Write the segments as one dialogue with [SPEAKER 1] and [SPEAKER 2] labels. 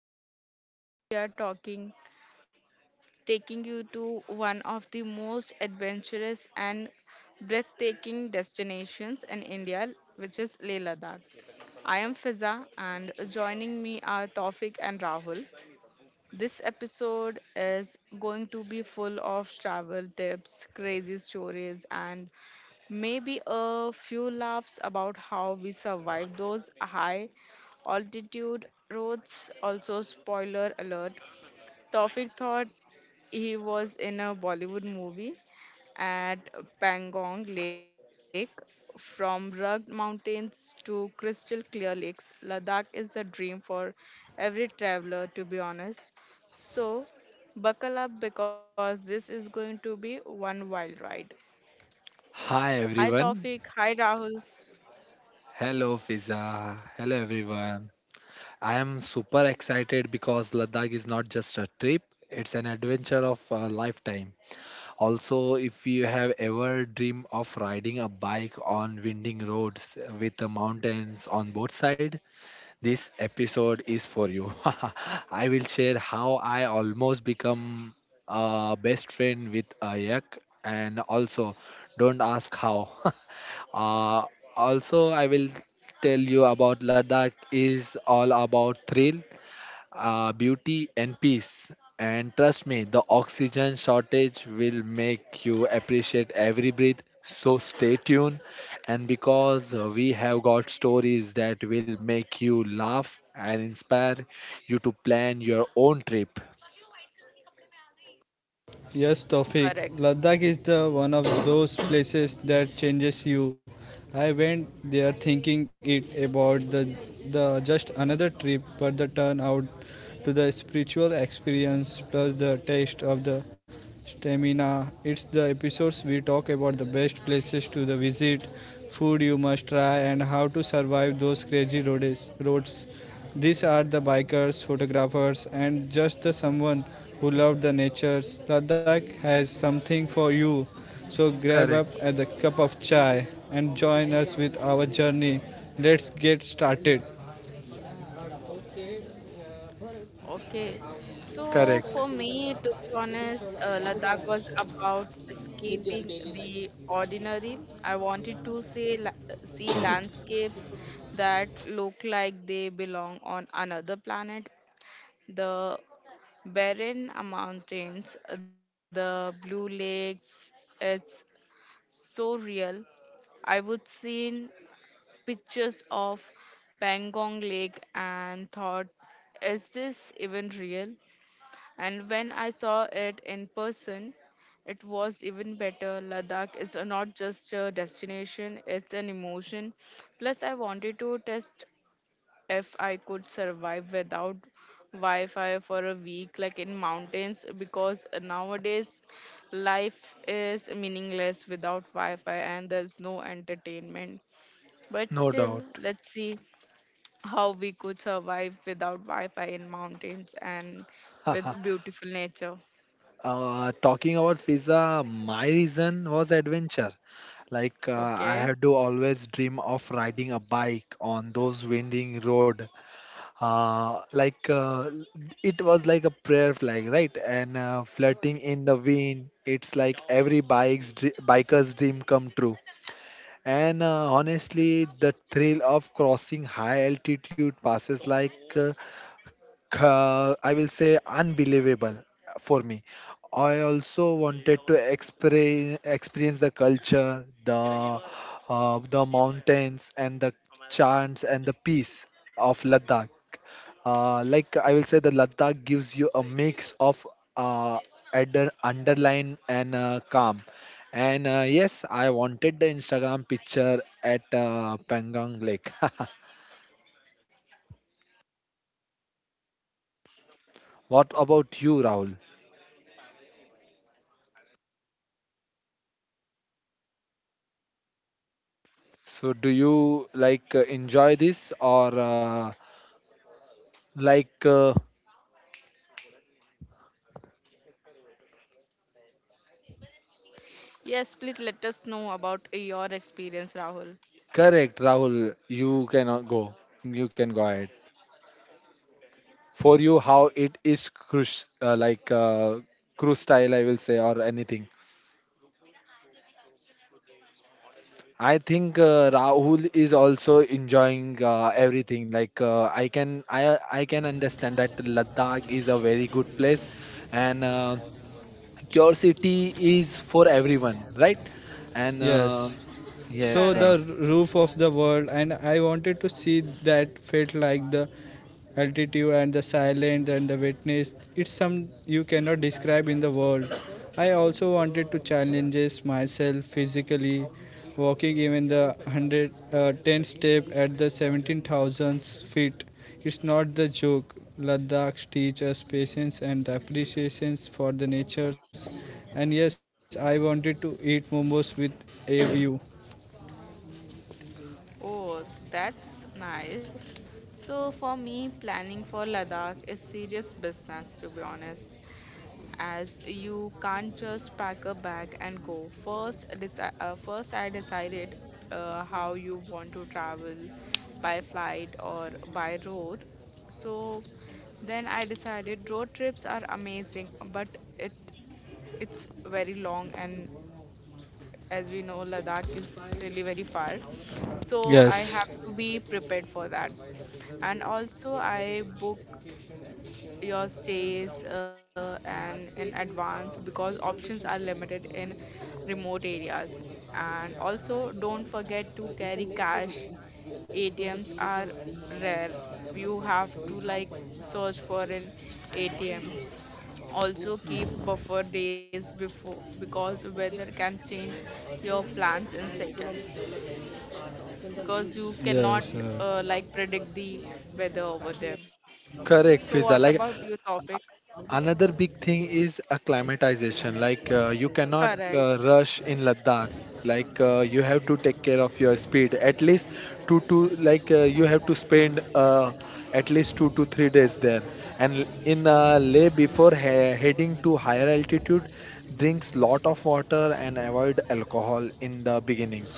[SPEAKER 1] podcast. Today we are talking taking you to one of the most adventurous and breathtaking destinations in India, which is Leh Ladakh. I am Fiza and joining me are Taufik and Rahul. This episode is going to be full of travel tips, crazy stories and maybe a few laughs about how we survive those high altitude roads. Also, spoiler alert, Tawfiq thought he was in a Bollywood movie at Pangong Lake. From rugged mountains to crystal clear lakes, Ladakh is a dream for every traveler, to be honest. So, buckle up because this is going to be one wild ride. Hi
[SPEAKER 2] Hi
[SPEAKER 1] Tawfiq,
[SPEAKER 2] everyone.
[SPEAKER 1] hi Rahul.
[SPEAKER 2] Hello Fiza. Hello everyone. I am super excited because Ladakh is not just a trip, it's an adventure of a lifetime. Also, if you have ever dreamed of riding a bike on winding roads with the mountains on both sides, this episode is for you. I will share how I almost become a best friend with a yak and also don't ask how. uh, Also, I will tell you about Ladakh is all about thrill, beauty and peace. And trust me, the oxygen shortage will make you appreciate every breath. So stay tuned. And because we have got stories that will make you laugh and inspire you to plan your own trip.
[SPEAKER 3] Yes, Tawfiq.
[SPEAKER 1] Correct.
[SPEAKER 3] Ladakh is the one of those places that changes you. I went there thinking it about the just another trip, but the turn out to the spiritual experience plus the taste of the stamina. It's the episodes we talk about the best places to the visit, food you must try, and how to survive those crazy roads. These are the bikers, photographers, and just the someone who loved the nature. Ladakh has something for you, so grab up
[SPEAKER 2] Correct,
[SPEAKER 3] a cup of chai and join us with our journey. Let's get started.
[SPEAKER 1] Okay. So
[SPEAKER 2] correct,
[SPEAKER 1] for me, to be honest, Ladakh was about escaping the ordinary. I wanted to see landscapes that look like they belong on another planet. The barren mountains, the blue lakes, it's so real. I would seen pictures of Pangong Lake and thought, is this even real? And when I saw it in person, it was even better. Ladakh is not just a destination, it's an emotion. Plus, I wanted to test if I could survive without Wi Fi for a week, like in mountains, because nowadays life is meaningless without Wi Fi and there's no entertainment. But
[SPEAKER 2] no
[SPEAKER 1] still,
[SPEAKER 2] doubt.
[SPEAKER 1] let's see how we could survive without Wi Fi in mountains and with beautiful nature.
[SPEAKER 2] Talking about visa, my reason was adventure. Like I
[SPEAKER 1] Okay.
[SPEAKER 2] had to always dream of riding a bike on those winding road, uh, like uh, it was like a prayer flag, right, and flirting in the wind. It's like every biker's dream come true. And honestly, the thrill of crossing high altitude passes, I will say, unbelievable for me. I also wanted to experience the culture, the mountains and the chants and the peace of Ladakh. Like I will say, the Ladakh gives you a mix of uh, underline and calm. And yes, I wanted the Instagram picture at Pangang Lake. What about you, Rahul? So do you like enjoy this or like uh,
[SPEAKER 1] Yes, please let us know about your experience, Rahul.
[SPEAKER 2] correct, Rahul, you cannot go you can go ahead. For you, how it is, crush, cruise style, I will say, or anything? I think Rahul is also enjoying everything. Like I can, I can understand that Ladakh is a very good place. And curiosity is for everyone, right? And
[SPEAKER 3] Yes. So
[SPEAKER 2] yes.
[SPEAKER 3] the
[SPEAKER 1] Correct.
[SPEAKER 3] roof of the world, and I wanted to see that felt like the altitude and the silence and the witness. It's some you cannot describe in the world. I also wanted to challenges myself physically walking even the 100 10 step at the 17,000 feet. It's not the joke. Ladakh teach us patience and appreciations for the natures, and yes, I wanted to eat momos with a view.
[SPEAKER 1] Oh, that's nice. So, for me, planning for Ladakh is serious business, to be honest, as you can't just pack a bag and go. First I decided how you want to travel, by flight or by road. So, then I decided road trips are amazing, but it it's very long and, as we know, Ladakh is really very far, so I
[SPEAKER 3] Yes.
[SPEAKER 1] have to be prepared for that. And also I book your stays and in advance because options are limited in remote areas. And also, don't forget to carry cash. ATMs are rare, you have to like search for an ATM. Also keep buffer days before because weather can change your plans in seconds, because you
[SPEAKER 3] Yes,
[SPEAKER 1] cannot like predict the weather over there. So
[SPEAKER 2] Correct,
[SPEAKER 1] what
[SPEAKER 2] Fiza. Like
[SPEAKER 1] about you, Tawfiq?
[SPEAKER 2] another big thing is acclimatization. Like you cannot
[SPEAKER 1] Correct.
[SPEAKER 2] rush in Ladakh. Like you have to take care of your speed. At least two to like you have to spend at least 2 to 3 days there. And in Leh, before heading to higher altitude, drinks lot of water and avoid alcohol in the beginning.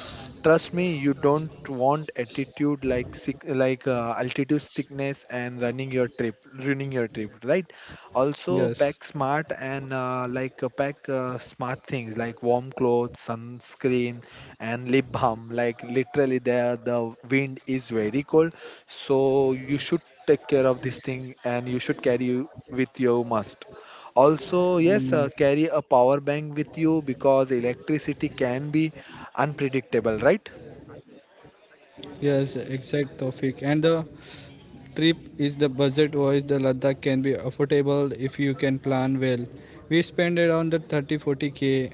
[SPEAKER 2] Trust me, you don't want attitude like sick, like altitude sickness, and ruining your trip, right? Also,
[SPEAKER 3] yes,
[SPEAKER 2] pack smart, and like pack smart things like warm clothes, sunscreen, and lip balm. Like literally, there the wind is very cold, so you should take care of this thing, and you should carry you with your must. Also, yes,
[SPEAKER 3] mm,
[SPEAKER 2] carry a power bank with you because electricity can be unpredictable, right?
[SPEAKER 3] yes, exact topic. And the trip is the budget wise, the Ladakh can be affordable if you can plan well. We spent around the 30-40K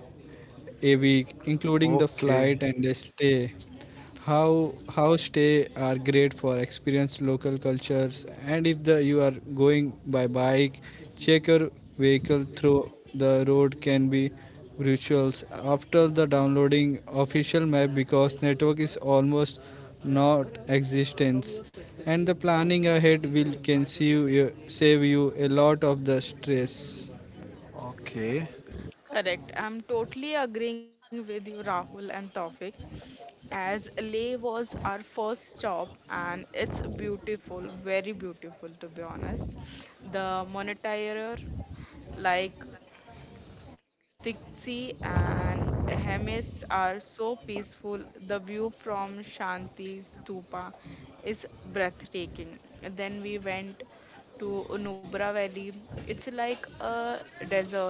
[SPEAKER 3] a week, including the
[SPEAKER 2] Okay,
[SPEAKER 3] flight and the stay. How stay are great for experience local cultures, and if the you are going by bike, check your vehicle through the road can be rituals after the downloading official map because network is almost not existence, and the planning ahead will can save you a lot of the stress.
[SPEAKER 2] okay,
[SPEAKER 1] Correct. I'm totally agreeing with you, Rahul and Tawfiq. As Leh was our first stop and it's beautiful, very beautiful to be honest. The monetary, like Tixi and Hemis, are so peaceful. The view from Shanti Stupa is breathtaking. Then we went to Nubra Valley. It's like a desert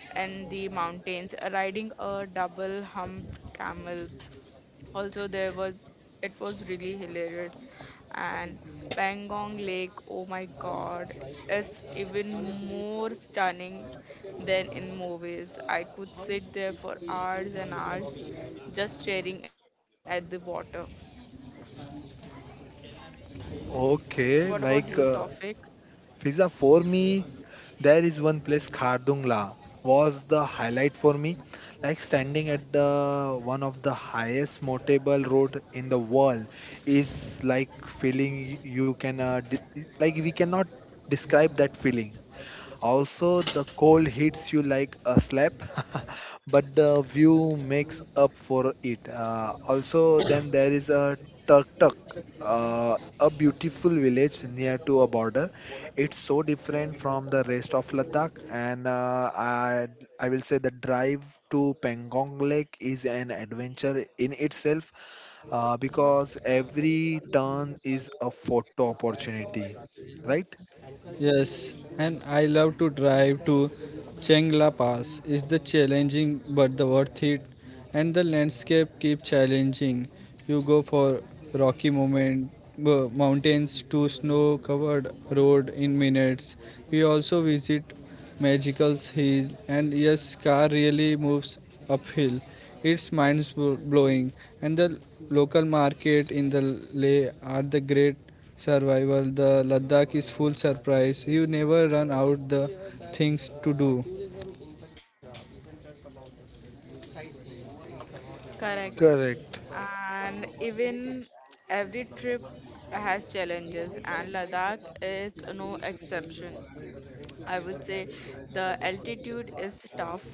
[SPEAKER 1] and the mountains. Riding a double humped camel also, there was, it was really hilarious. And Pangong Lake, oh my god, it's even more stunning than in movies. I could sit there for hours and hours just staring at the water. What about
[SPEAKER 2] okay.
[SPEAKER 1] you,
[SPEAKER 2] Like
[SPEAKER 1] Tofik?
[SPEAKER 2] pizza, for me, there is one place. Khardungla was the highlight for me. Like standing at the one of the highest motorable road in the world is like feeling, you can we cannot describe that feeling. Also, the cold hits you like a slap, but the view makes up for it. Also, then there is a Tuk Tuk, a beautiful village near to a border. It's so different from the rest of Ladakh, and I will say the drive to Pangong Lake is an adventure in itself because every turn is a photo opportunity, right?
[SPEAKER 3] Yes, and I love to drive to Chengla Pass. It's the challenging but the worth it, and the landscape keep challenging. You go for rocky moment, mountains to snow-covered road in minutes. We also visit magicals he, and yes, car really moves uphill. It's mind blowing, and the local market in the Leh are the great survival. The Ladakh is full surprise. You never run out the things to do.
[SPEAKER 1] Correct.
[SPEAKER 2] Correct.
[SPEAKER 1] And even every trip has challenges, and Ladakh is no exception. I would say the altitude is tough,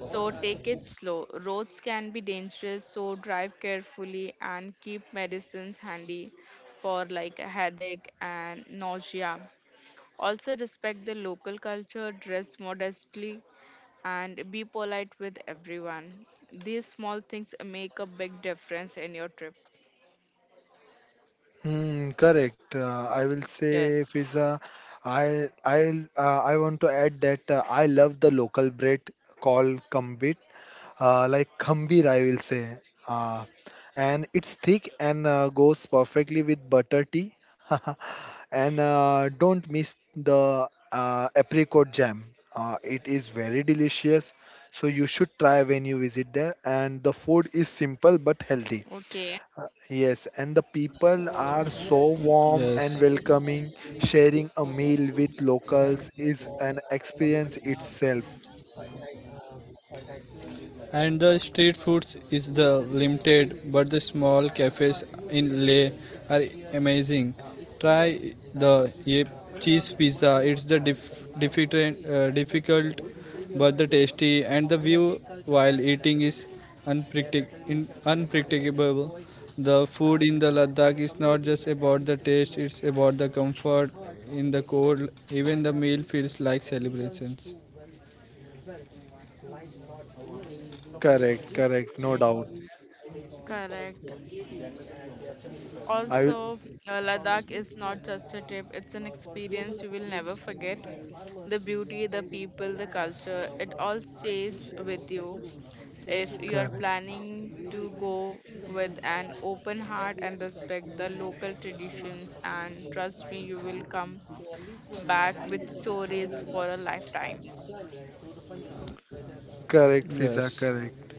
[SPEAKER 1] so take it slow. Roads can be dangerous, so drive carefully and keep medicines handy for like a headache and nausea. Also respect the local culture, dress modestly and be polite with everyone. These small things make a big difference in your trip.
[SPEAKER 2] Hmm, correct. I will say,
[SPEAKER 1] Yes.
[SPEAKER 2] Fiza, I I I want to add that I love the local bread called kambit, like khambir, I will say. Uh, and it's thick, and goes perfectly with butter tea. And don't miss the apricot jam. It is very delicious, so you should try when you visit there. And the food is simple
[SPEAKER 1] Okay.
[SPEAKER 2] but healthy. Yes, and the
[SPEAKER 1] Oh,
[SPEAKER 2] people are so
[SPEAKER 3] Yes.
[SPEAKER 2] warm and welcoming. Sharing a meal with locals is an experience itself.
[SPEAKER 3] And the street foods is the limited, but the small cafes in Leh are amazing. Try the ye cheese pizza. It's the difficult, but the tasty, and the view while eating is unpredictable. The food in the Ladakh is not just about the taste; it's about the comfort in the cold. Even the meal feels like celebrations.
[SPEAKER 2] Correct, correct, no
[SPEAKER 1] okay.
[SPEAKER 2] doubt.
[SPEAKER 1] Correct.
[SPEAKER 2] I will
[SPEAKER 1] Also, Ladakh is not just a trip, it's an experience you will never forget. The beauty, the people, the culture, it all stays with you. If you are
[SPEAKER 2] correct,
[SPEAKER 1] planning to go with an open heart and respect the local traditions, and trust me, you will come back with stories for a lifetime.
[SPEAKER 2] correct, Fiza,
[SPEAKER 3] Yes.
[SPEAKER 2] correct.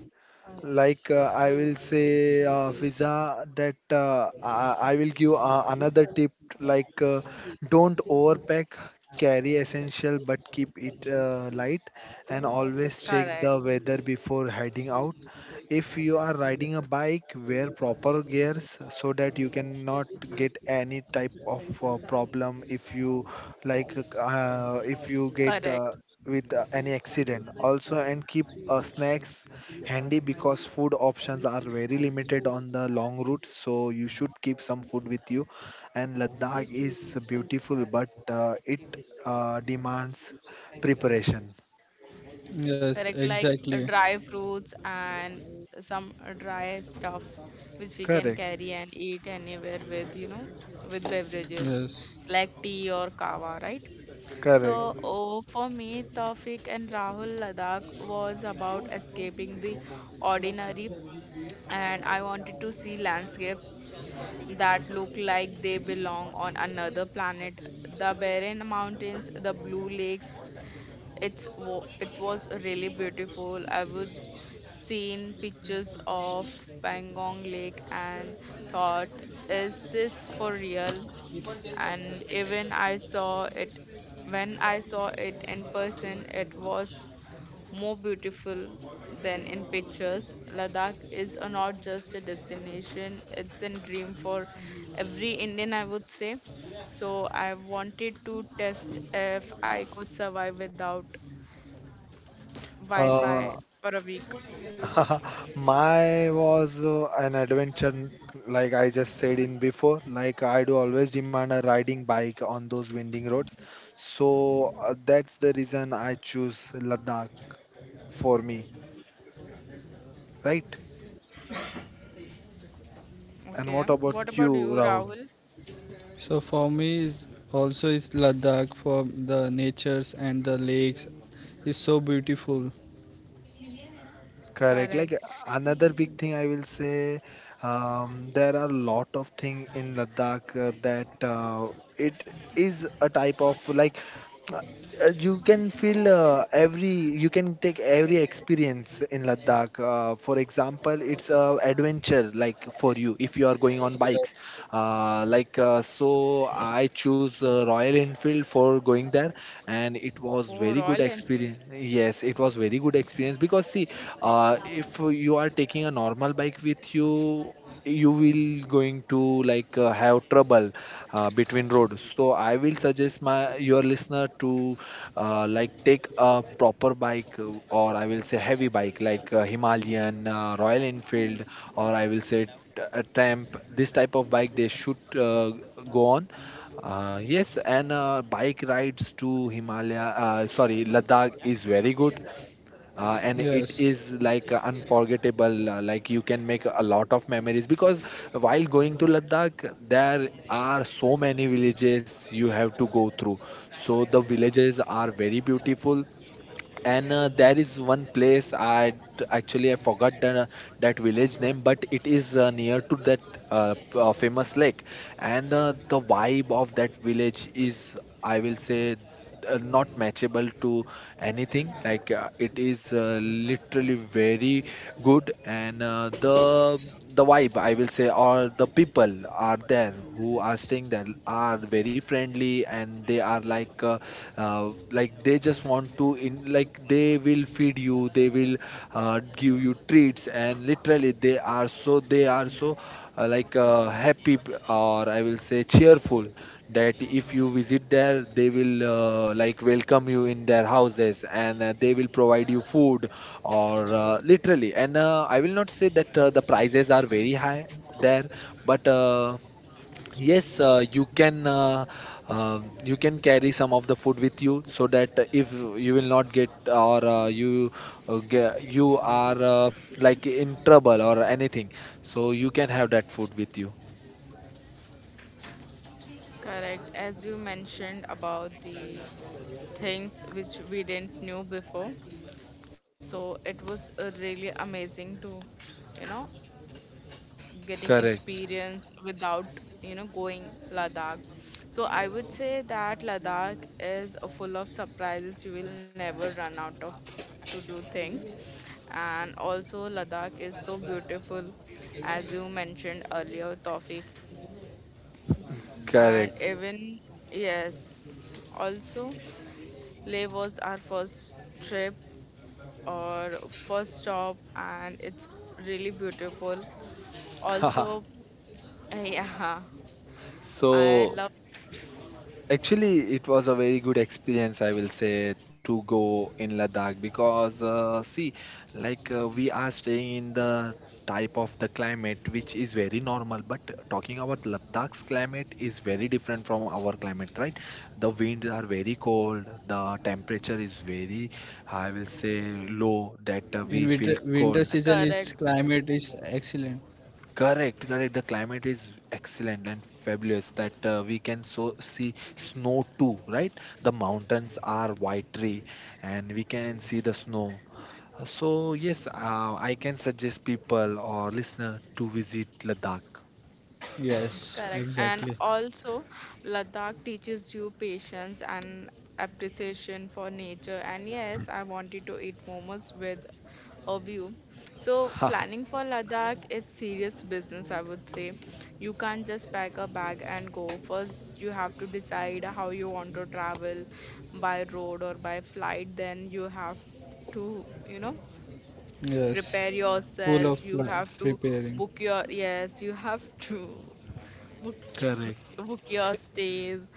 [SPEAKER 2] Like I will say, Fiza, that I will give another tip. Like, don't overpack. Carry essential, but keep it light, and always check
[SPEAKER 1] Correct.
[SPEAKER 2] the weather before heading out. If you are riding a bike, wear proper gears so that you cannot get any type of problem. If you if you get
[SPEAKER 1] Correct.
[SPEAKER 2] with any accident also, and keep snacks handy, because food options are very limited on the long route, so you should keep some food with you. And Ladakh is beautiful, but it demands preparation.
[SPEAKER 3] Yes,
[SPEAKER 1] Correct. Like
[SPEAKER 3] exactly.
[SPEAKER 1] dry fruits and some dry stuff which we can
[SPEAKER 2] Correct,
[SPEAKER 1] carry and eat anywhere with, you know, with beverages
[SPEAKER 3] Yes.
[SPEAKER 1] like tea or kava, right?
[SPEAKER 2] correct.
[SPEAKER 1] So, oh, for me, Tawfiq and Rahul, Ladakh was about escaping the ordinary, and I wanted to see landscapes that look like they belong on another planet. The barren mountains, the blue lakes, it was really beautiful. I would seen pictures of Pangong Lake and thought, is this for real? And even I saw it When I saw it in person, it was more beautiful than in pictures. Ladakh is a, not just a destination, it's a dream for every Indian, I would say. So I wanted to test if I could survive without Wi
[SPEAKER 2] uh,
[SPEAKER 1] Fi for a week.
[SPEAKER 2] My was an adventure, like I just said in before. Like I do always demand a riding bike on those winding roads. So that's the reason I choose Ladakh for me, right? And
[SPEAKER 1] Okay,
[SPEAKER 2] what about
[SPEAKER 1] what
[SPEAKER 2] you,
[SPEAKER 1] about you,
[SPEAKER 2] Rahul?
[SPEAKER 1] Rahul?
[SPEAKER 3] So for me is also is Ladakh for the natures and the lakes is so beautiful.
[SPEAKER 2] Correct. Like
[SPEAKER 1] Correct.
[SPEAKER 2] another big thing I will say, there are a lot of thing in Ladakh that it is a type of like Uh, you can feel every you can take every experience in Ladakh. For example, it's a adventure like for you if you are going on bikes.
[SPEAKER 3] Yes.
[SPEAKER 2] So I choose Royal Enfield for going there, and it was
[SPEAKER 1] Oh,
[SPEAKER 2] very good
[SPEAKER 1] Royal
[SPEAKER 2] experience.
[SPEAKER 1] Enfield.
[SPEAKER 2] Yes, it was very good experience because see, if you are taking a normal bike with you, you will going to like have trouble between road. So I will suggest my your listener to like take a proper bike, or I will say heavy bike like Himalayan, Royal Enfield, or I will say a tramp. This type of bike they should go on. Yes, and bike rides to Himalaya, sorry, Ladakh is very good, and it
[SPEAKER 3] Yes.
[SPEAKER 2] is like unforgettable. Like, you can make a lot of memories, because while going to Ladakh there are so many villages you have to go through, so the villages are very beautiful. And there is one place, actually I forgot that village name, but it is near to that famous lake. And the vibe of that village is, I will say, not matchable to anything. Like it is literally very good. And the vibe, I will say, or the people are there who are staying there, are very friendly, and they are like they just want to in like they will feed you, they will give you treats. And literally, they are so happy, or I will say cheerful, that if you visit there, they will like welcome you in their houses. And they will provide you food or literally. And I will not say that the prices are very high there. But yes, you can carry some of the food with you, so that if you will not get, or you are like in trouble or anything, so you can have that food with you.
[SPEAKER 1] Correct. As you mentioned about the things which we didn't knew before, so it was really amazing to, you know, getting
[SPEAKER 2] Correct,
[SPEAKER 1] experience without, you know, going Ladakh. So I would say that Ladakh is full of surprises, you will never run out of to do things. And also Ladakh is so beautiful, as you mentioned earlier, Tawfiq. And
[SPEAKER 2] correct.
[SPEAKER 1] even, yes, also Leh was our first trip or first stop and it's really beautiful also. Yeah, I
[SPEAKER 2] So
[SPEAKER 1] love
[SPEAKER 2] actually, it was a very good experience, I will say, to go in Ladakh because, see, like we are staying in the type of the climate which is very normal, but talking about Ladakh's climate is very different from our climate, right? The winds are very cold, the temperature is very, I will say, low, that
[SPEAKER 3] In
[SPEAKER 2] we feel
[SPEAKER 3] winter,
[SPEAKER 2] cold.
[SPEAKER 3] winter
[SPEAKER 1] correct.
[SPEAKER 3] season is climate is excellent.
[SPEAKER 2] Correct, correct. The climate is excellent and fabulous, that we can so see snow too, right? The mountains are watery and we can see the snow. So yes, I can suggest people or listener to visit Ladakh.
[SPEAKER 3] Yes,
[SPEAKER 1] Correct. And
[SPEAKER 3] exactly.
[SPEAKER 1] also, Ladakh teaches you patience and appreciation for nature. And yes, I wanted to eat momos with a view. So, planning for Ladakh is serious business, I would say. You can't just pack a bag and go. First, you have to decide how you want to travel, by road or by flight. Then, you have to, you know,
[SPEAKER 3] Yes.
[SPEAKER 1] prepare
[SPEAKER 3] Full of
[SPEAKER 1] yourself. You have to
[SPEAKER 3] preparing.
[SPEAKER 1] book your, yes, you have to. Book
[SPEAKER 2] Correct.
[SPEAKER 1] your book your stays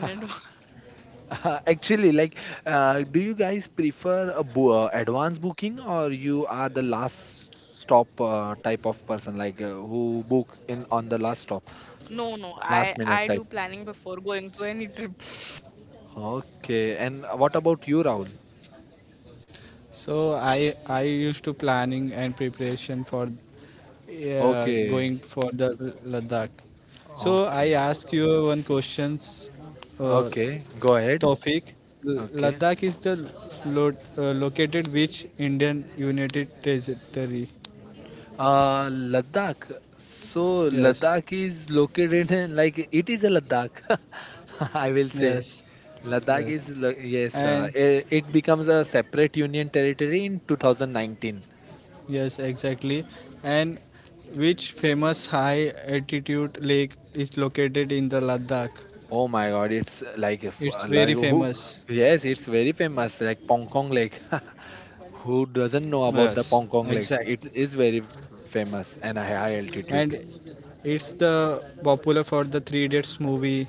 [SPEAKER 1] in advance.
[SPEAKER 2] Actually, like, do you guys prefer a bo advance booking, or you are the last stop type of person, like who book in on the last stop,
[SPEAKER 1] No, no, I
[SPEAKER 2] last
[SPEAKER 1] I
[SPEAKER 2] minute type?
[SPEAKER 1] do planning before going to any trip.
[SPEAKER 2] Okay. And what about you, Rahul?
[SPEAKER 3] So I used to planning and preparation for
[SPEAKER 2] Okay.
[SPEAKER 3] going for the Ladakh. So I
[SPEAKER 2] Okay.
[SPEAKER 3] ask you one questions, uh,
[SPEAKER 2] Okay. Go ahead.
[SPEAKER 3] Tawfiq.
[SPEAKER 2] Okay.
[SPEAKER 3] Ladakh is the lo- located which Indian United Territory?
[SPEAKER 2] Ladakh. So
[SPEAKER 3] Yes,
[SPEAKER 2] Ladakh is located in, like, it is a Ladakh. I will say
[SPEAKER 3] yes,
[SPEAKER 2] Ladakh
[SPEAKER 3] yes.
[SPEAKER 2] is yes.
[SPEAKER 3] And
[SPEAKER 2] It becomes a separate union territory in 2019.
[SPEAKER 3] yes, exactly. And which famous high altitude lake is located in the Ladakh?
[SPEAKER 2] Oh my God! It's like if,
[SPEAKER 3] It's
[SPEAKER 2] like
[SPEAKER 3] very
[SPEAKER 2] who?
[SPEAKER 3] famous.
[SPEAKER 2] Yes, it's very famous. Like Pongkong Lake. Who doesn't know
[SPEAKER 3] Yes,
[SPEAKER 2] about the
[SPEAKER 3] exact.
[SPEAKER 2] Pongkong Lake? It is very famous and a high
[SPEAKER 3] And
[SPEAKER 2] altitude.
[SPEAKER 3] it's the popular for the Three Idiots movie,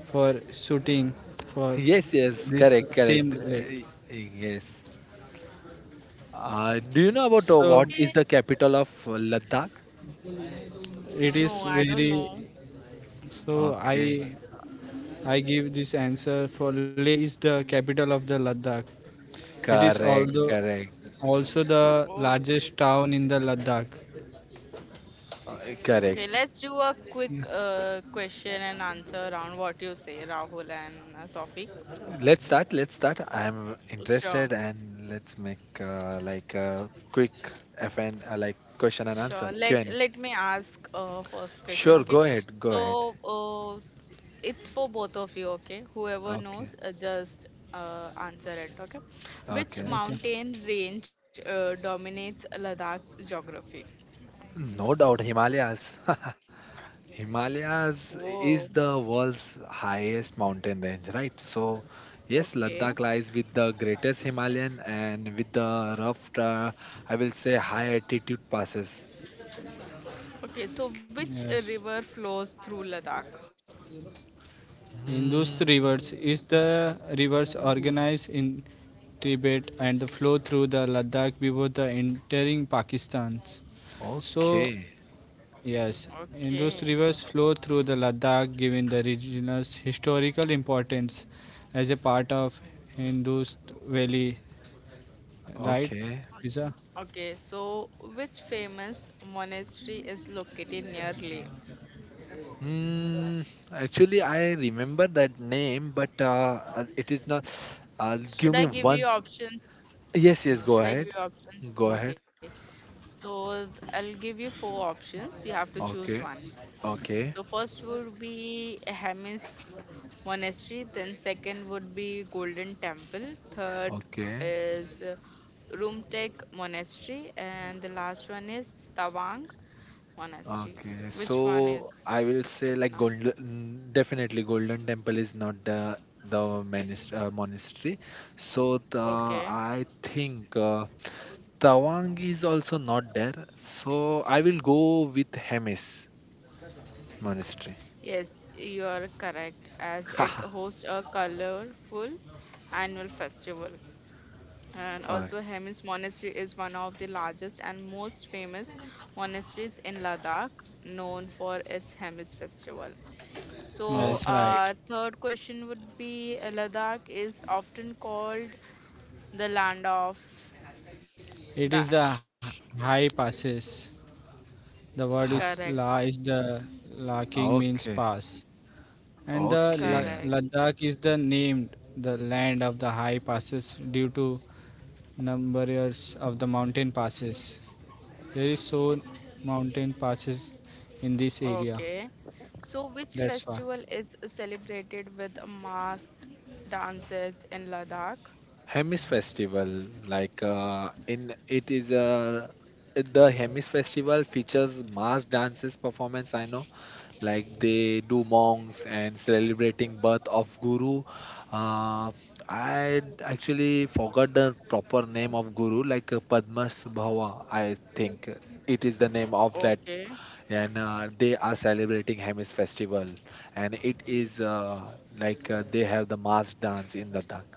[SPEAKER 3] for shooting, for
[SPEAKER 2] Yes, yes,
[SPEAKER 3] this
[SPEAKER 2] correct,
[SPEAKER 3] same
[SPEAKER 2] correct.
[SPEAKER 3] lake.
[SPEAKER 2] Yes. Do you know about what
[SPEAKER 3] So
[SPEAKER 2] is
[SPEAKER 1] Okay,
[SPEAKER 2] the capital of Ladakh?
[SPEAKER 3] it is
[SPEAKER 1] no, I don't
[SPEAKER 3] very.
[SPEAKER 1] know.
[SPEAKER 3] So
[SPEAKER 2] Okay,
[SPEAKER 3] I give this answer for Leh is the capital of the Ladakh. It is
[SPEAKER 2] correct,
[SPEAKER 3] although
[SPEAKER 2] correct,
[SPEAKER 3] also the largest town in the Ladakh.
[SPEAKER 1] Okay,
[SPEAKER 2] correct.
[SPEAKER 1] let's do a quick question and answer round. What you say, Rahul and Tawfiq?
[SPEAKER 2] Let's start. Let's start. I'm
[SPEAKER 1] Sure,
[SPEAKER 2] interested, and let's make like a quick FN like question and answer
[SPEAKER 1] sure. Let
[SPEAKER 2] Q&A.
[SPEAKER 1] let me ask first question.
[SPEAKER 2] Sure,
[SPEAKER 1] Okay,
[SPEAKER 2] go ahead, go
[SPEAKER 1] so
[SPEAKER 2] ahead.
[SPEAKER 1] uh, it's for both of you, okay, whoever
[SPEAKER 2] Okay,
[SPEAKER 1] knows just answer it, okay. Which
[SPEAKER 2] okay.
[SPEAKER 3] Okay.
[SPEAKER 1] mountain range dominates Ladakh's geography?
[SPEAKER 2] No doubt, Himalayas. Himalayas
[SPEAKER 1] Whoa,
[SPEAKER 2] is the world's highest mountain range, right? So yes,
[SPEAKER 1] okay,
[SPEAKER 2] Ladakh lies with the greatest Himalayan and with the rough, I will say, high altitude passes.
[SPEAKER 1] okay. So which
[SPEAKER 3] Yes.
[SPEAKER 1] river flows through Ladakh?
[SPEAKER 3] Indus
[SPEAKER 2] Hmm.
[SPEAKER 3] rivers is the rivers organized in Tibet and the flow through the Ladakh before the entering Pakistan. So
[SPEAKER 2] Okay.
[SPEAKER 3] yes, Indus
[SPEAKER 1] Okay,
[SPEAKER 3] rivers flow through the Ladakh giving the region's historical importance as a part of Indus Valley, right?
[SPEAKER 2] Okay.
[SPEAKER 3] Fiza?
[SPEAKER 1] okay. So which famous monastery is located near Leh?
[SPEAKER 2] Hmm. Actually, I remember that name, but it is not. Give me
[SPEAKER 1] Should I
[SPEAKER 2] one.
[SPEAKER 1] give you options
[SPEAKER 2] Yes. Yes. Go
[SPEAKER 1] should I
[SPEAKER 2] ahead.
[SPEAKER 1] give you
[SPEAKER 2] Go
[SPEAKER 1] options
[SPEAKER 2] ahead.
[SPEAKER 1] Okay, so I'll give you four options, you have to choose
[SPEAKER 2] Okay.
[SPEAKER 1] one.
[SPEAKER 2] Okay.
[SPEAKER 1] So first would be Hermes Monastery, then second would be Golden Temple, third
[SPEAKER 2] Okay.
[SPEAKER 1] is Rumtek Monastery, and the last one is Tawang Monastery.
[SPEAKER 2] Okay,
[SPEAKER 1] Which one is
[SPEAKER 2] so I will say
[SPEAKER 1] it
[SPEAKER 2] like
[SPEAKER 1] now?
[SPEAKER 2] golden, mm, definitely Golden Temple is not the monastery. Monastery. So the
[SPEAKER 1] Okay.
[SPEAKER 2] I think Tawang is also not there. So I will go with Hemis Monastery.
[SPEAKER 1] Yes, you are correct, as
[SPEAKER 2] Haha.
[SPEAKER 1] it hosts a colorful annual festival. And
[SPEAKER 2] Okay.
[SPEAKER 1] also, Hemis Monastery is one of the largest and most famous monasteries in Ladakh, known for its Hemis festival. So,
[SPEAKER 3] Yes, right.
[SPEAKER 1] third question would be, Ladakh is often called the land of
[SPEAKER 3] It is the
[SPEAKER 1] dash.
[SPEAKER 3] high passes. The word is
[SPEAKER 1] Correct,
[SPEAKER 3] la is the la king means
[SPEAKER 2] Okay.
[SPEAKER 3] pass. And the
[SPEAKER 1] correct.
[SPEAKER 2] Okay.
[SPEAKER 3] Ladakh is the named the land of the high passes due to numbers of the mountain passes. There is so mountain passes in this area.
[SPEAKER 1] Okay. So, which
[SPEAKER 3] That's why.
[SPEAKER 1] festival is celebrated with masked dances in Ladakh?
[SPEAKER 2] Hemis Festival, like in it is a the Hemis Festival features mass dances performance. I know like they do monks and celebrating birth of guru uh, I actually forgot the proper name of guru like padmasambhava I think it is the name of that.
[SPEAKER 1] Okay.
[SPEAKER 2] And they are celebrating Hemis festival, and it
[SPEAKER 1] Ye-
[SPEAKER 2] is like they have the mass dance in Ladakh.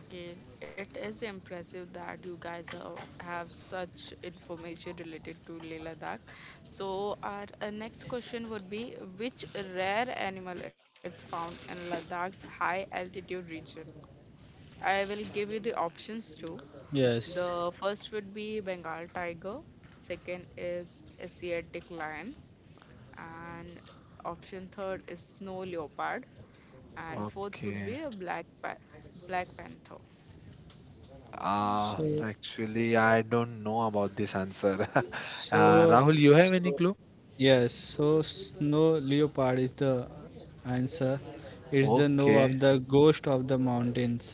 [SPEAKER 1] Okay, it is impressive that you guys are, have such information related to Leela Dak. So, our next question would be, which rare animal is found in Ladakh's high altitude region? I will give you the options too.
[SPEAKER 3] Yes.
[SPEAKER 1] The first would be Bengal tiger, second is Asiatic lion, and option third is snow leopard, and fourth would
[SPEAKER 2] Okay.
[SPEAKER 1] be a black panther.
[SPEAKER 2] uh,
[SPEAKER 3] So
[SPEAKER 2] Actually, I don't know about this answer.
[SPEAKER 3] so
[SPEAKER 2] Uh, Rahul, you have any
[SPEAKER 3] so
[SPEAKER 2] clue?
[SPEAKER 3] yes. So snow leopard is the answer. It's the no
[SPEAKER 2] Okay.
[SPEAKER 3] of the ghost of the mountains.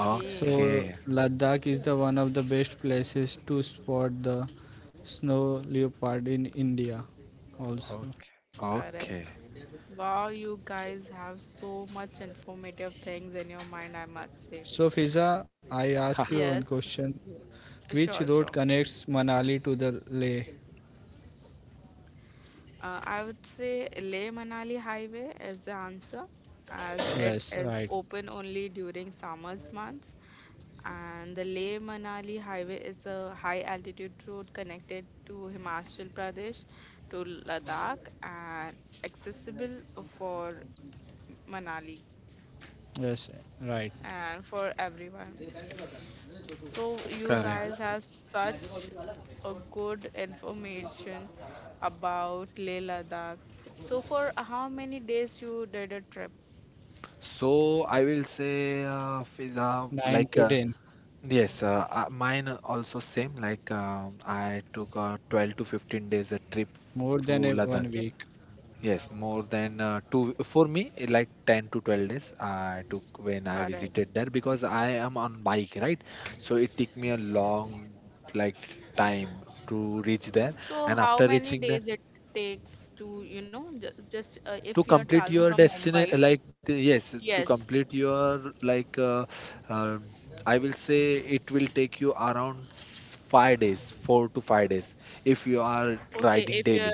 [SPEAKER 1] Okay.
[SPEAKER 3] So Ladakh is the one of the best places to spot the snow leopard in India also.
[SPEAKER 2] Okay.
[SPEAKER 1] Correct.
[SPEAKER 2] Okay.
[SPEAKER 1] Wow, you guys have so much informative things in your mind, I must
[SPEAKER 3] So
[SPEAKER 1] say.
[SPEAKER 3] Fiza, I ask you one
[SPEAKER 1] Yes,
[SPEAKER 3] question. Which road
[SPEAKER 1] sure, sure.
[SPEAKER 3] connects Manali to the Leh?
[SPEAKER 1] I would say Leh Manali Highway is the answer, as it
[SPEAKER 3] Yes,
[SPEAKER 1] is
[SPEAKER 3] right.
[SPEAKER 1] open only during summer's months. And the Leh Manali Highway is a high altitude road connected to Himachal Pradesh to Ladakh and accessible for Manali
[SPEAKER 3] Yes, right.
[SPEAKER 1] and for everyone. So you
[SPEAKER 2] Correct.
[SPEAKER 1] guys have such a good information about Leh Ladakh. So for how many days you did a trip?
[SPEAKER 2] So I will say pizza,
[SPEAKER 3] 9
[SPEAKER 2] like
[SPEAKER 3] to 10.
[SPEAKER 2] yes, mine also same. Like I took 12 to 15 days a trip
[SPEAKER 3] More
[SPEAKER 2] to
[SPEAKER 3] than
[SPEAKER 2] Ladakh.
[SPEAKER 3] one
[SPEAKER 1] Okay.
[SPEAKER 3] week.
[SPEAKER 2] Yes, more than two for me eh, like 10 to 12 days I took when I
[SPEAKER 1] Correct.
[SPEAKER 2] visited there because I am on bike, right? So it took me a long like time to reach there
[SPEAKER 1] So
[SPEAKER 2] and
[SPEAKER 1] how
[SPEAKER 2] after
[SPEAKER 1] many
[SPEAKER 2] reaching there
[SPEAKER 1] days it takes to, you know, just
[SPEAKER 2] to
[SPEAKER 1] if you are
[SPEAKER 2] complete
[SPEAKER 1] traveling
[SPEAKER 2] your
[SPEAKER 1] from
[SPEAKER 2] destiny
[SPEAKER 1] Mumbai?
[SPEAKER 2] like yes to
[SPEAKER 1] Yes.
[SPEAKER 2] complete your like um I will say it will take.
[SPEAKER 1] Okay, if you're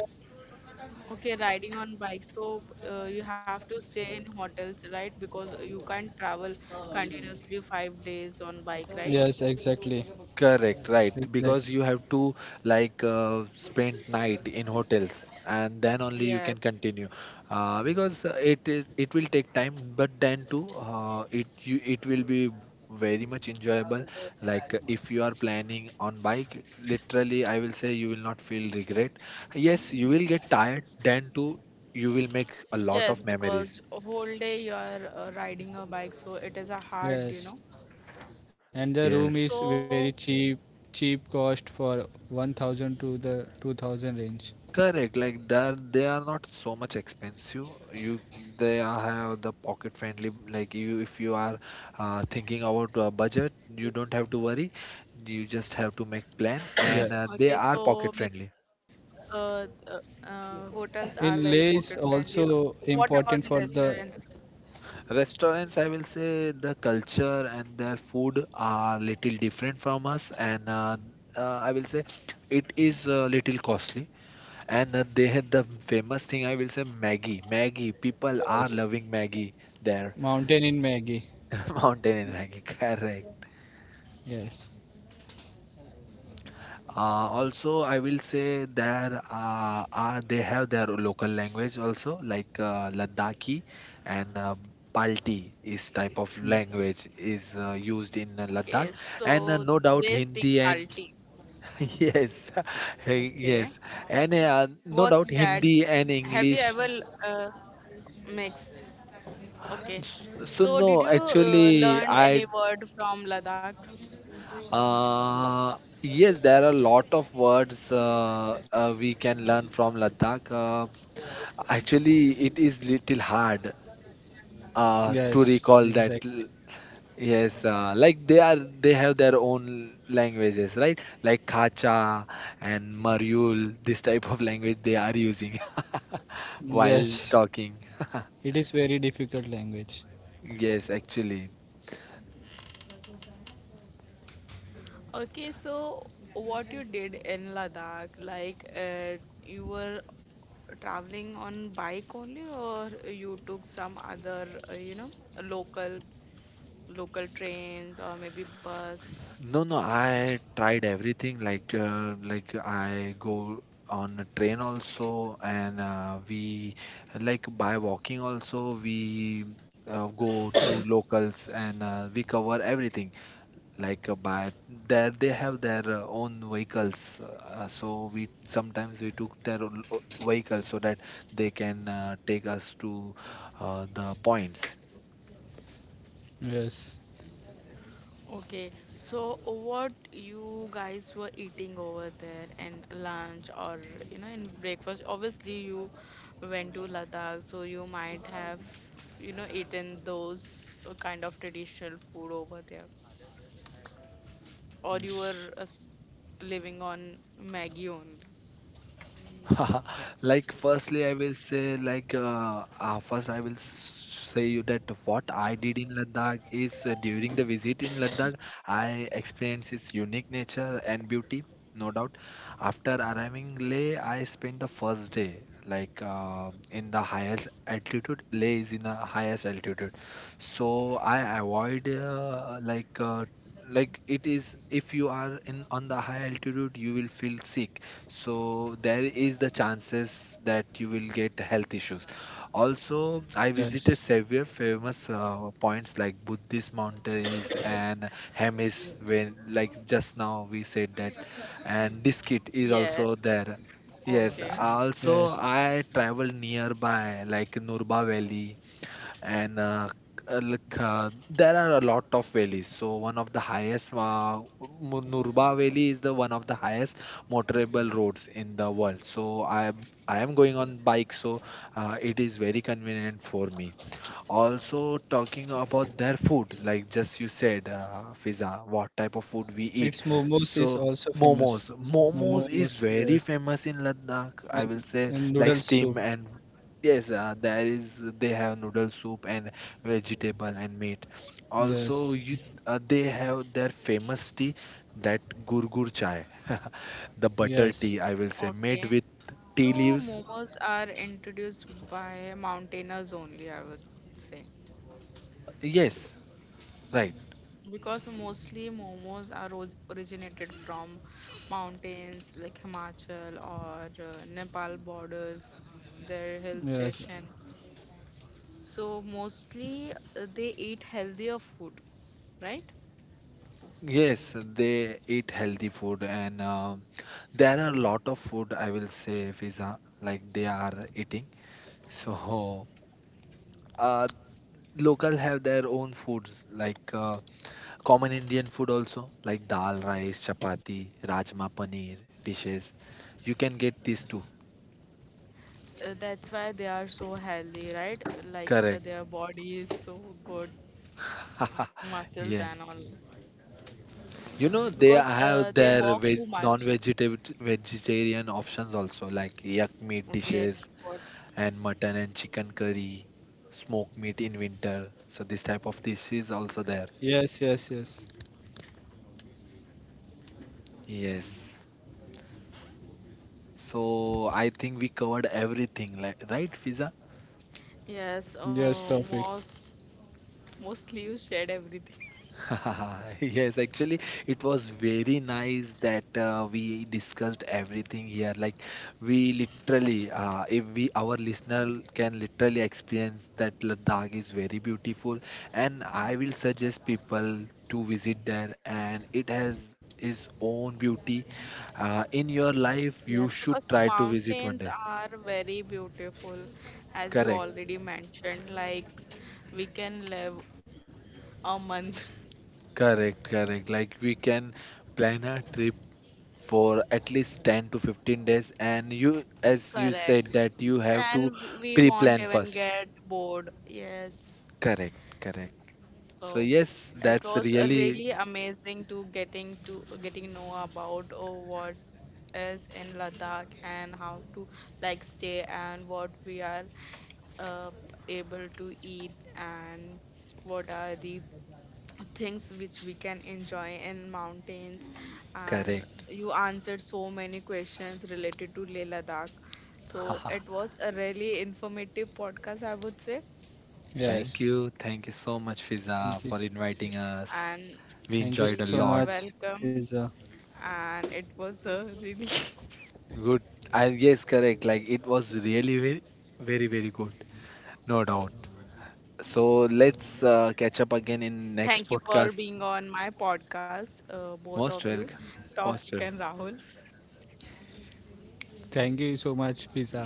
[SPEAKER 1] okay riding on bike, so you have to stay in hotels, right? Because you can't travel continuously five days on bike, right?
[SPEAKER 3] Yes, exactly.
[SPEAKER 2] Correct, right. Because
[SPEAKER 3] Exactly.
[SPEAKER 2] you have to like spend night in hotels and then only you can
[SPEAKER 1] Yes.
[SPEAKER 2] continue. Because it will take time, but then too it will be very much enjoyable. Like if you are planning on bike, literally I will say you will not feel regret. Yes, you will get tired, then too you will make a lot
[SPEAKER 1] Yes,
[SPEAKER 2] of
[SPEAKER 1] because
[SPEAKER 2] memories.
[SPEAKER 1] whole day you are riding a bike, so it is a hard, you know.
[SPEAKER 3] Yes. And the room
[SPEAKER 2] Yes.
[SPEAKER 3] is
[SPEAKER 1] So,
[SPEAKER 3] very cheap. Cheap cost for 1000 to the 2000 range.
[SPEAKER 2] Correct, like that they are not so much expensive. You they are have the pocket friendly. Like you, if you are thinking about a budget, you don't have to worry. You just have to make plan, and
[SPEAKER 3] Yes.
[SPEAKER 2] they
[SPEAKER 1] okay,
[SPEAKER 2] are pocket
[SPEAKER 1] so me,
[SPEAKER 2] friendly.
[SPEAKER 1] hotels
[SPEAKER 3] It
[SPEAKER 1] are very
[SPEAKER 3] lay
[SPEAKER 1] pocket
[SPEAKER 3] is
[SPEAKER 1] friendly.
[SPEAKER 3] also
[SPEAKER 1] What about the
[SPEAKER 3] important for the,
[SPEAKER 1] restaurants?
[SPEAKER 2] Restaurants, I will say, the culture and their food are little different from us, and I will say it is a little costly. And they had the famous thing, I will say, Maggie. Maggie, people are
[SPEAKER 3] yes,
[SPEAKER 2] loving Maggie there.
[SPEAKER 3] mountain in Maggie.
[SPEAKER 2] Mountain in Rangi, correct.
[SPEAKER 3] Yes,
[SPEAKER 2] Also, I will say there are they have their local language also, like Ladakhi, and Balti is type of
[SPEAKER 3] mm.
[SPEAKER 2] language is used in Ladakh,
[SPEAKER 1] Okay,
[SPEAKER 2] and
[SPEAKER 1] so
[SPEAKER 2] no doubt
[SPEAKER 1] they speak
[SPEAKER 2] Hindi and
[SPEAKER 1] Balti.
[SPEAKER 2] yes,
[SPEAKER 1] Okay,
[SPEAKER 2] yes, and
[SPEAKER 1] what's
[SPEAKER 2] no
[SPEAKER 1] that?
[SPEAKER 2] doubt Hindi
[SPEAKER 1] Have
[SPEAKER 2] and
[SPEAKER 1] you ever l-
[SPEAKER 2] English.
[SPEAKER 1] uh, mixed? Okay, so
[SPEAKER 2] So
[SPEAKER 1] did you
[SPEAKER 2] no, actually,
[SPEAKER 1] learn any
[SPEAKER 2] I.
[SPEAKER 1] word from Ladakh?
[SPEAKER 2] Uh, yes, there are a lot of words we can learn from Ladakh. Actually, it is little hard to
[SPEAKER 3] Yes,
[SPEAKER 2] recall that.
[SPEAKER 3] exactly.
[SPEAKER 2] L-. Yes, like they have their own languages, right? Like Khacha and Maryul, this type of language they are using while
[SPEAKER 3] Yes,
[SPEAKER 2] talking.
[SPEAKER 3] it is very difficult language.
[SPEAKER 2] Yes, actually.
[SPEAKER 1] Okay, so what you did in Ladakh, like you were traveling on bike only, or you took some other, you know, local local trains or maybe bus?
[SPEAKER 2] No, no, I tried everything like I go on a train also, and we like by walking also we go to locals, and we cover everything like by there they have their own vehicles, so we sometimes we took their own vehicle so that they can take us to the points.
[SPEAKER 3] Yes,
[SPEAKER 1] Okay, so what you guys were eating over there in lunch or, you know, in breakfast? Obviously, you went to Ladakh, so you might have, you know, eaten those kind of traditional food over there, or you were living on Maggie only.
[SPEAKER 2] Like, firstly, I will say, like, first, I will say you that what I did in Ladakh is during the visit in Ladakh, I experienced its unique nature and beauty, no doubt. After arriving Leh, I spent the first day, like, in the highest altitude. Leh is in the highest altitude, so I avoid, like it is if you are in on the high altitude you will feel sick, so there is the chances that you will get health issues. Also, I
[SPEAKER 3] yes,
[SPEAKER 2] visited several famous points like buddhist mountains and hemis, when like just now we said that, and Diskit is also
[SPEAKER 1] Yes.
[SPEAKER 2] there. Yes,
[SPEAKER 1] Okay.
[SPEAKER 2] also
[SPEAKER 3] yes.
[SPEAKER 2] I travel nearby like Nurba Valley, and like there are a lot of valleys, so one of the highest Nurba Valley is the one of the highest motorable roads in the world, so I am going on bike, so it is very convenient for me. Also talking about their food, like just you said Fiza, what type of
[SPEAKER 3] Its
[SPEAKER 2] food we
[SPEAKER 3] momos
[SPEAKER 2] eat,
[SPEAKER 3] is also
[SPEAKER 2] so
[SPEAKER 3] famous.
[SPEAKER 2] momos
[SPEAKER 3] Momos,
[SPEAKER 2] momos is
[SPEAKER 3] yes,
[SPEAKER 2] very famous in Ladakh, I
[SPEAKER 3] and
[SPEAKER 2] will say,
[SPEAKER 3] and noodle
[SPEAKER 2] like
[SPEAKER 3] soup.
[SPEAKER 2] steam. And yes, there is they have noodle soup and vegetable and meat. Also
[SPEAKER 3] Yes,
[SPEAKER 2] you they have their famous tea, that gurgur chai. The butter
[SPEAKER 3] yes,
[SPEAKER 2] tea, I will say, made
[SPEAKER 1] Okay.
[SPEAKER 2] with tea
[SPEAKER 1] So
[SPEAKER 2] leaves.
[SPEAKER 1] momos are introduced by mountainers only, I would say,
[SPEAKER 2] Yes, right.
[SPEAKER 1] because mostly momos are originated from mountains like Himachal or Nepal borders, their hill
[SPEAKER 3] yes,
[SPEAKER 1] station. So mostly they eat healthier food, right?
[SPEAKER 2] Yes, they eat healthy food, and there are a lot of food I will say Fiza like they are eating. So, uh, local have their own foods, like common Indian food also, like dal, rice, chapati, rajma, paneer dishes. You can get these too.
[SPEAKER 1] That's why they are so healthy, right? Like
[SPEAKER 2] Correct.
[SPEAKER 1] their body is so good, muscles and
[SPEAKER 2] Yes.
[SPEAKER 1] all,
[SPEAKER 2] You know, they
[SPEAKER 1] because
[SPEAKER 2] have
[SPEAKER 1] they
[SPEAKER 2] their
[SPEAKER 1] walk too much.
[SPEAKER 2] vegetarian options also, like yak meat
[SPEAKER 1] Okay.
[SPEAKER 2] dishes, and mutton and chicken curry, smoked meat in winter. So this type of dish is also there.
[SPEAKER 3] yes, yes, yes.
[SPEAKER 2] Yes. So I think we covered everything, like, right, Fiza?
[SPEAKER 1] Yes,
[SPEAKER 3] Yes, Tawfiq.
[SPEAKER 1] mostly you shared everything.
[SPEAKER 2] Yes, actually, it was very nice that we discussed everything here. Like we literally, if we our listener can literally experience that Ladakh is very beautiful, and I will suggest people to visit there, and it has its own beauty. In your life,
[SPEAKER 1] Yes,
[SPEAKER 2] you should
[SPEAKER 1] because
[SPEAKER 2] try to visit one
[SPEAKER 1] mountains
[SPEAKER 2] day.
[SPEAKER 1] are very beautiful, as we
[SPEAKER 2] Correct,
[SPEAKER 1] already mentioned. Like we can live a month,
[SPEAKER 2] correct, correct. Like we can plan a trip for at least 10 to 15 days, and you as you
[SPEAKER 1] correct?
[SPEAKER 2] said that you have to
[SPEAKER 1] And we won't
[SPEAKER 2] pre-plan
[SPEAKER 1] even
[SPEAKER 2] first.
[SPEAKER 1] get bored. Yes,
[SPEAKER 2] Correct, correct. So
[SPEAKER 1] so
[SPEAKER 2] yes,
[SPEAKER 1] it
[SPEAKER 2] that's
[SPEAKER 1] was
[SPEAKER 2] really
[SPEAKER 1] really amazing to getting know about, oh, what is in Ladakh and how to like stay and what we are uh, able to eat and what are the things which we can enjoy in mountains. And
[SPEAKER 2] correct.
[SPEAKER 1] you answered so many questions related to Leh Ladakh, so it was a really informative podcast, I would say.
[SPEAKER 2] Thank
[SPEAKER 3] Yes.
[SPEAKER 2] you, thank you so much Fiza
[SPEAKER 3] Thank you.
[SPEAKER 2] for inviting us.
[SPEAKER 1] And
[SPEAKER 2] We
[SPEAKER 3] Thank you
[SPEAKER 2] enjoyed a
[SPEAKER 3] so
[SPEAKER 1] you're
[SPEAKER 2] lot.
[SPEAKER 3] much,
[SPEAKER 1] welcome
[SPEAKER 3] Fiza.
[SPEAKER 1] and it was a really
[SPEAKER 2] Good. I yes correct, like it was really very, very, very good, no doubt. So let's catch up again in
[SPEAKER 1] thank you
[SPEAKER 2] next
[SPEAKER 1] for
[SPEAKER 2] podcast.
[SPEAKER 1] being on my podcast, both of
[SPEAKER 2] Most
[SPEAKER 1] you,
[SPEAKER 2] welcome.
[SPEAKER 1] Tawfiq
[SPEAKER 2] Most
[SPEAKER 1] and
[SPEAKER 2] welcome.
[SPEAKER 1] Rahul.
[SPEAKER 3] Thank you so much, Pizza.